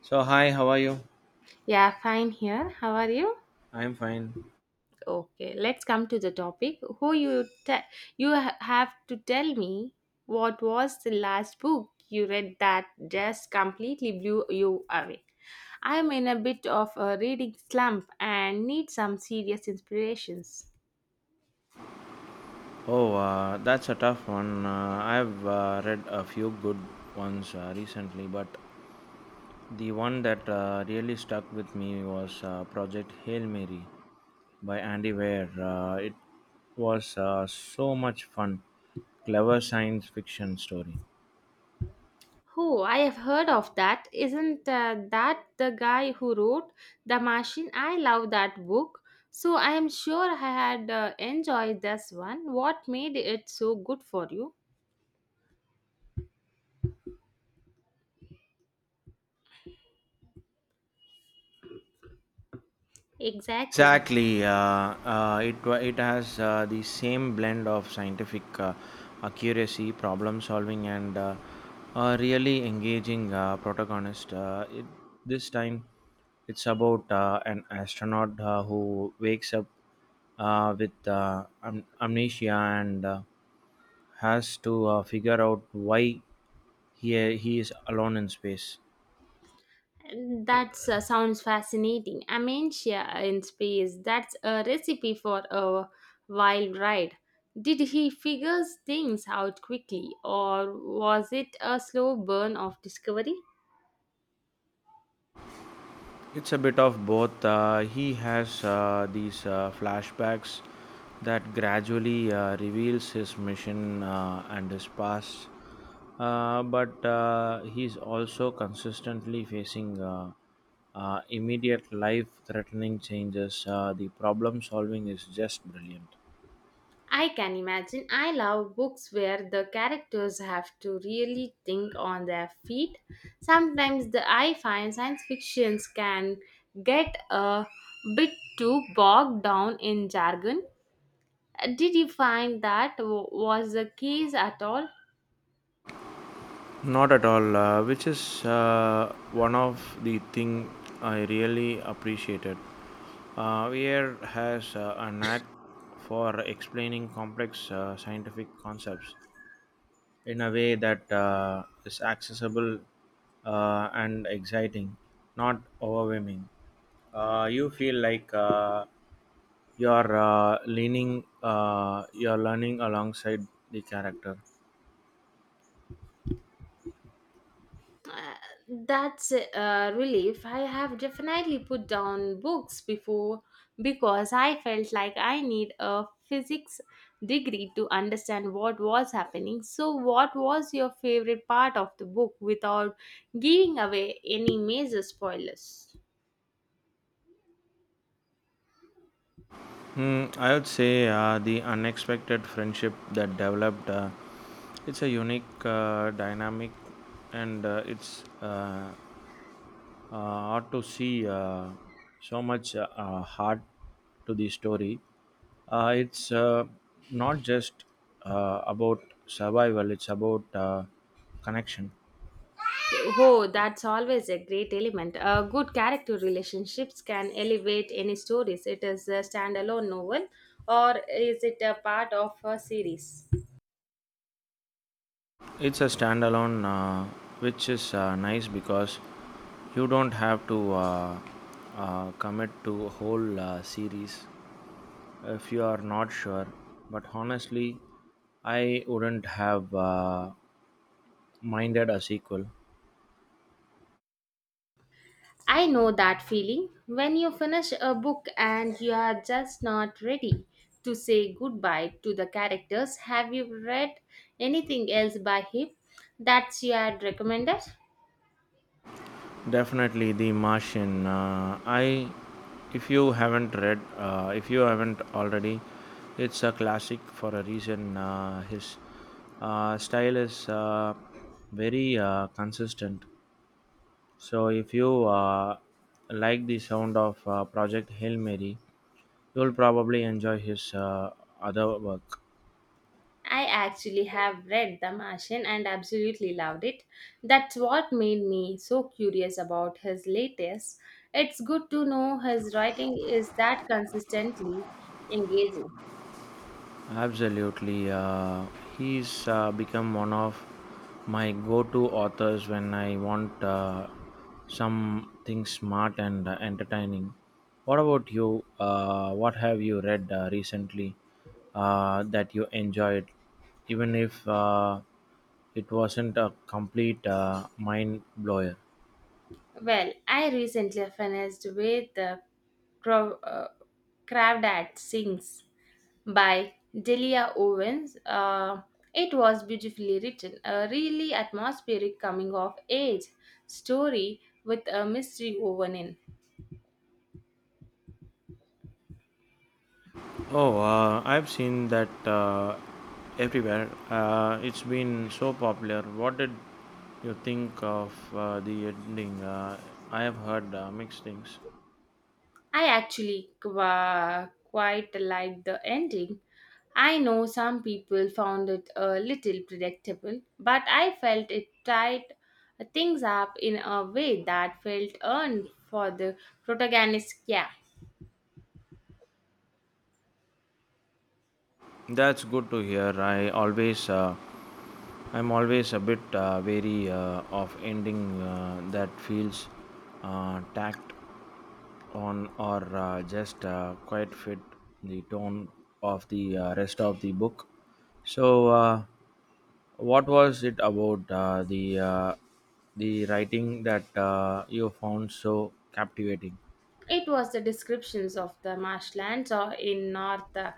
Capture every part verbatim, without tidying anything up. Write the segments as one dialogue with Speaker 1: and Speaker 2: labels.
Speaker 1: So hi, how are you?
Speaker 2: Yeah, fine here. How are you?
Speaker 1: I'm fine.
Speaker 2: Okay, let's come to the topic. Who you te- you ha- have to tell me what was the last book you read that just completely blew you away. I am in a bit of a reading slump and need some serious inspirations.
Speaker 1: Oh, uh, that's a tough one. Uh, I've uh, read a few good ones uh, recently, but the one that uh, really stuck with me was uh, Project Hail Mary by Andy Weir. Uh, it was uh, so much fun, clever science fiction story.
Speaker 2: Who? I have heard of that. Isn't uh, that the guy who wrote The Machine? I love that book. So I am sure I had uh, enjoyed this one. What made it so good for you? Exactly.
Speaker 1: Exactly. Uh, uh, it wa- it has uh, the same blend of scientific uh, accuracy, problem solving, and uh, a really engaging uh, protagonist. Uh, it, this time, it's about uh, an astronaut uh, who wakes up uh, with uh, am- amnesia and uh, has to uh, figure out why he he is alone in space.
Speaker 2: That uh, sounds fascinating. Amentia in space. That's a recipe for a wild ride. Did he figure things out quickly, or was it a slow burn of discovery?
Speaker 1: It's a bit of both. Uh, he has uh, these uh, flashbacks that gradually uh, reveals his mission uh, and his past, uh, but uh, he's also consistently facing uh, uh, immediate life-threatening changes. Uh, the problem solving is just brilliant.
Speaker 2: I can imagine. I love books where the characters have to really think on their feet. Sometimes the I find science fictions can get a bit too bogged down in jargon. Uh, Did you find that w- was the case at all?
Speaker 1: Not at all, uh, which is uh, one of the thing I really appreciated. Uh, Weir has uh, a knack for explaining complex uh, scientific concepts in a way that uh, is accessible uh, and exciting, not overwhelming. Uh, you feel like uh, you're uh, leaning, uh, you're learning alongside the character.
Speaker 2: Uh, that's a relief. I have definitely put down books before because I felt like I need a physics degree to understand what was happening. So, what was your favorite part of the book without giving away any major spoilers?
Speaker 1: Hmm, I would say uh, the unexpected friendship that developed. Uh, it's a unique uh, dynamic, and uh, it's uh, uh, hard to see uh, so much uh, uh, heart to the story. Uh, it's uh, not just uh, about survival; it's about uh, connection.
Speaker 2: Oh, that's always a great element. Uh, good character relationships can elevate any stories. It is a standalone novel or is it a part of a series?
Speaker 1: It's a standalone, uh, which is uh, nice because you don't have to uh, uh, commit to a whole uh, series if you are not sure. But honestly, I wouldn't have uh, minded a sequel.
Speaker 2: I know that feeling when you finish a book and you are just not ready to say goodbye to the characters. Have you read anything else by him that you had recommended?
Speaker 1: Definitely, The Martian. Uh, I, if you haven't read, uh, If you haven't already, it's a classic for a reason. Uh, his uh, style is uh, very uh, consistent. So if you uh, like the sound of uh, Project Hail Mary, you'll probably enjoy his uh, other work.
Speaker 2: I actually have read The Martian and absolutely loved it. That's what made me so curious about his latest. It's good to know his writing is that consistently engaging.
Speaker 1: Absolutely, uh, he's uh, become one of my go-to authors when I want uh, something smart and uh, entertaining. What about you? Uh, what have you read uh, recently uh, that you enjoyed, even if uh, it wasn't a complete uh, mind blower?
Speaker 2: Well, I recently finished with the Crow, uh, Crabbed at Sings by Delia Owens. Uh, it was beautifully written, a really atmospheric coming of age story with a mystery woven in.
Speaker 1: Oh, uh, I've seen that uh, everywhere. Uh, it's been so popular. What did you think of uh, the ending? Uh, I have heard uh, mixed things.
Speaker 2: I actually qua quite liked the ending. I know some people found it a little predictable, but I felt it tied uh, things up in a way that felt earned for the protagonist. Yeah.
Speaker 1: That's good to hear. I always, uh, I'm always a bit uh, wary uh, of ending uh, that feels uh, tacked on or uh, just uh, quite fit the tone of the uh, rest of the book. So. Uh, What was it about uh, the uh, the writing that uh, you found so captivating?
Speaker 2: It was the descriptions of the marshlands or in North uh,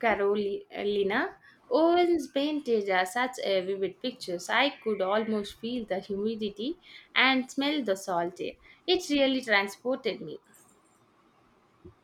Speaker 2: Carolina. Owens painted uh, such a vivid pictures. I could almost feel the humidity and smell the salt air. It really transported me.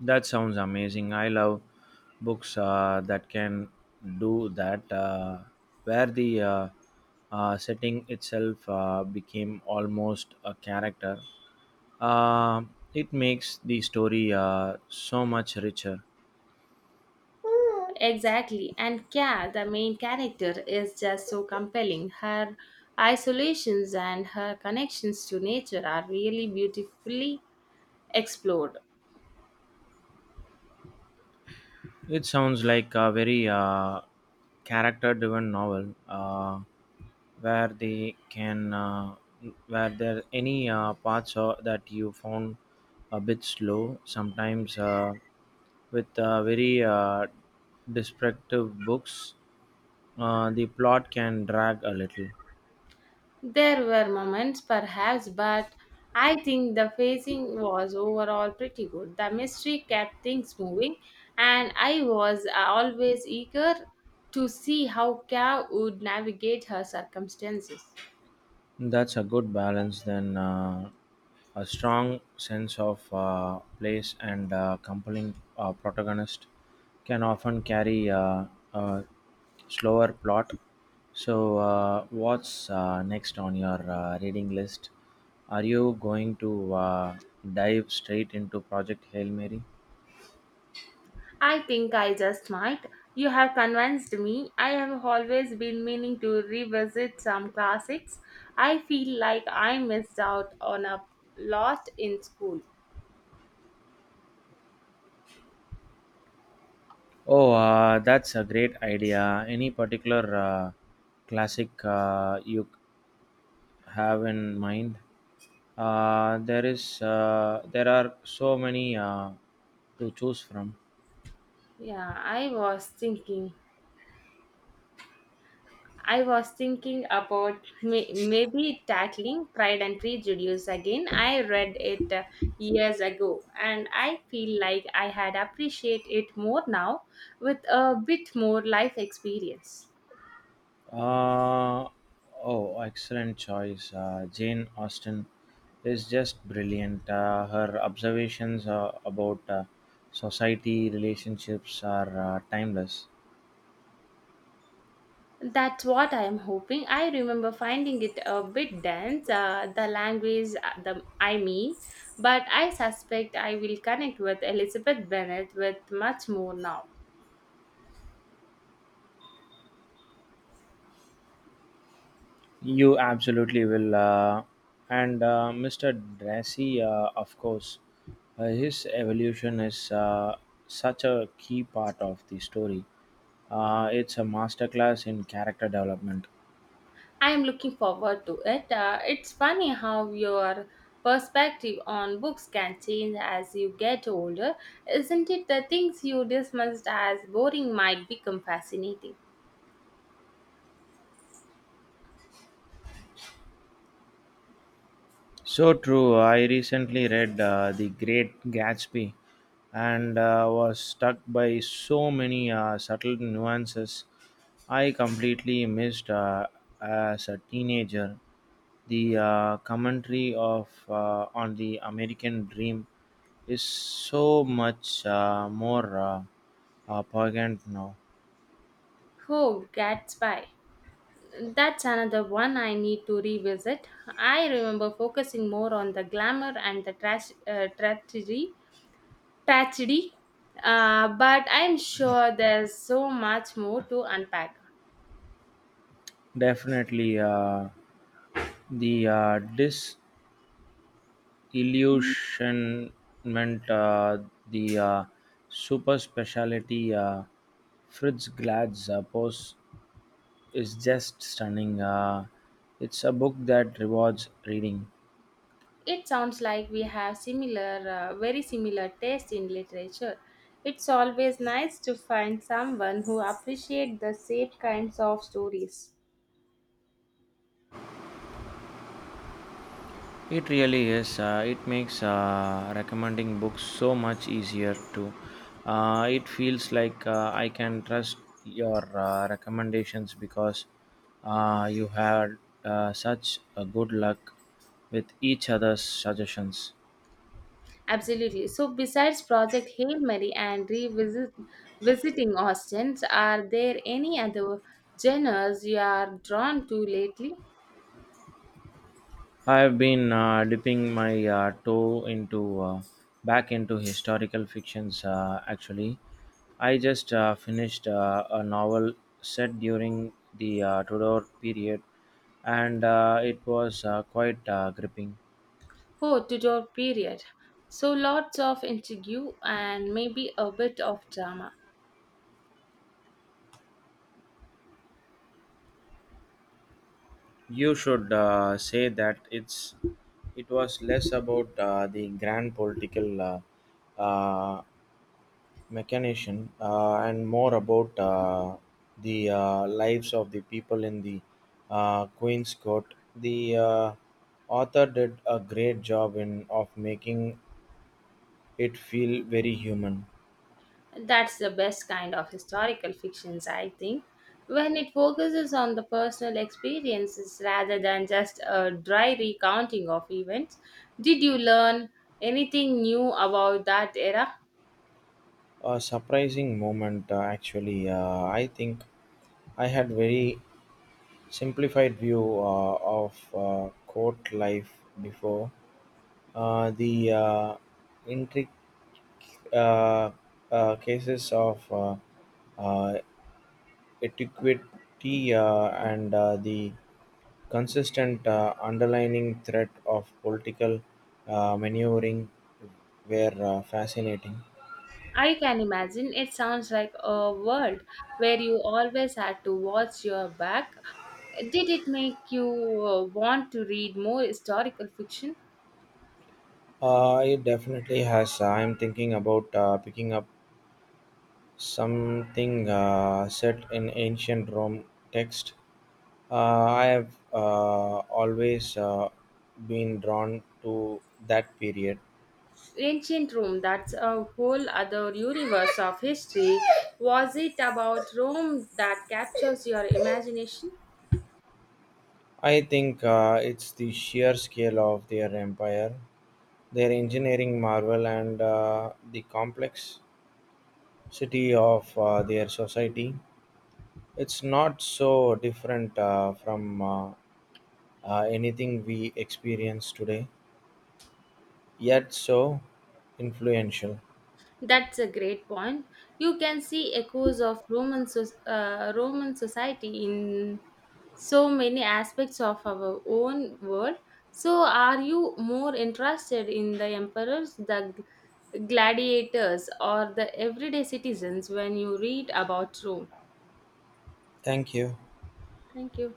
Speaker 1: That sounds amazing. I love books uh, that can do that, uh, where the uh, uh, setting itself uh, became almost a character. Uh, it makes the story uh, so much richer.
Speaker 2: Exactly. And Kya, the main character, is just so compelling. Her isolations and her connections to nature are really beautifully explored.
Speaker 1: It sounds like a very uh, character driven novel. Uh, where they can uh, Were there any uh, parts uh, that you found a bit slow. Sometimes uh, with uh, very uh, descriptive books uh, the plot can drag a little.
Speaker 2: There were moments, perhaps, but I think the pacing was overall pretty good. The mystery kept things moving, and I was uh, always eager to see how Kao would navigate her circumstances.
Speaker 1: That's a good balance then, uh, a strong sense of uh, place and uh, compelling uh, protagonist can often carry uh, a slower plot. So uh, what's uh, next on your uh, reading list? Are you going to uh, dive straight into Project Hail Mary?
Speaker 2: I think I just might. You have convinced me. I have always been meaning to revisit some classics. I feel like I missed out on a lot in school.
Speaker 1: Oh, uh, that's a great idea. Any particular uh, classic uh, you have in mind? Uh, there is uh, there are so many uh, to choose from.
Speaker 2: Yeah, I was thinking. I was thinking about may- maybe tackling Pride and Prejudice again. I read it uh, years ago and I feel like I had appreciate it more now with a bit more life experience.
Speaker 1: Uh, oh, excellent choice. Uh, Jane Austen is just brilliant. Uh, her observations uh, about uh, society relationships are uh, timeless.
Speaker 2: That's what I am hoping. I remember finding it a bit dense, uh, the language, uh, the I mean, but I suspect I will connect with Elizabeth Bennet with much more now.
Speaker 1: You absolutely will. Uh, and uh, mister Dressy, uh, of course, uh, his evolution is uh, such a key part of the story. Uh, it's a masterclass in character development.
Speaker 2: I am looking forward to it. Uh, it's funny how your perspective on books can change as you get older, isn't it? The things you dismissed as boring might become fascinating.
Speaker 1: So true. I recently read uh, The Great Gatsby and uh, was struck by so many uh, subtle nuances I completely missed uh, as a teenager. The uh, commentary of uh, on the American dream is so much uh, more uh, uh, poignant now.
Speaker 2: Oh, Gatsby. That's another one I need to revisit. I remember focusing more on the glamour and the trash, uh, tragedy, tragedy. Uh, but I'm sure there's so much more to unpack.
Speaker 1: Definitely, uh, the uh, dis illusionment, uh, the uh, super specialty uh, Fritz Glad's uh, pose is just stunning. Uh, it's a book that rewards reading.
Speaker 2: It sounds like we have similar, uh, very similar taste in literature. It's always nice to find someone who appreciates the same kinds of stories.
Speaker 1: It really is. Uh, it makes uh, recommending books so much easier too. Uh, it feels like uh, I can trust your uh, recommendations because uh, you had uh, such a good luck with each other's suggestions.
Speaker 2: Absolutely. So, besides Project Hail Mary and revisit visiting Austin, are there any other genres you are drawn to lately?
Speaker 1: I've been uh, dipping my uh, toe into uh, back into historical fictions. Uh, actually, I just uh, finished uh, a novel set during the uh, Tudor period, and uh, it was uh, quite uh, gripping.
Speaker 2: Oh, Tudor period. So, lots of intrigue and maybe a bit of drama.
Speaker 1: You should uh, say that it's it was less about uh, the grand political uh, uh, mechanician, uh, and more about uh, the uh, lives of the people in the uh, Queen's Court. The uh, author did a great job in of making it feel very human.
Speaker 2: That's the best kind of historical fictions, I think, when it focuses on the personal experiences rather than just a dry recounting of events. Did you learn anything new about that era?
Speaker 1: A surprising moment, uh, actually. Uh, I think I had very simplified view uh, of uh, court life before. Uh, the uh, intricate uh, uh, cases of uh, uh, etiquette, uh, and uh, the consistent uh, underlying threat of political uh, maneuvering were uh, fascinating.
Speaker 2: I can imagine it sounds like a world where you always had to watch your back. Did it make you uh, want to read more historical fiction?
Speaker 1: Uh, it definitely has. uh, I'm thinking about uh, picking up something uh, set in ancient Rome text. Uh, I have uh, always uh, been drawn to that period.
Speaker 2: Ancient Rome, that's a whole other universe of history. Was it about Rome that captures your imagination?
Speaker 1: I think uh, it's the sheer scale of their empire, their engineering marvel, and uh, the complexity of uh, their society. It's not so different uh, from uh, uh, anything we experience today, yet so influential.
Speaker 2: That's a great point. You can see echoes of Roman, soc- uh, Roman society in so many aspects of our own world. So, are you more interested in the emperors, the g- gladiators, or the everyday citizens when you read about Rome?
Speaker 1: Thank you.
Speaker 2: Thank you.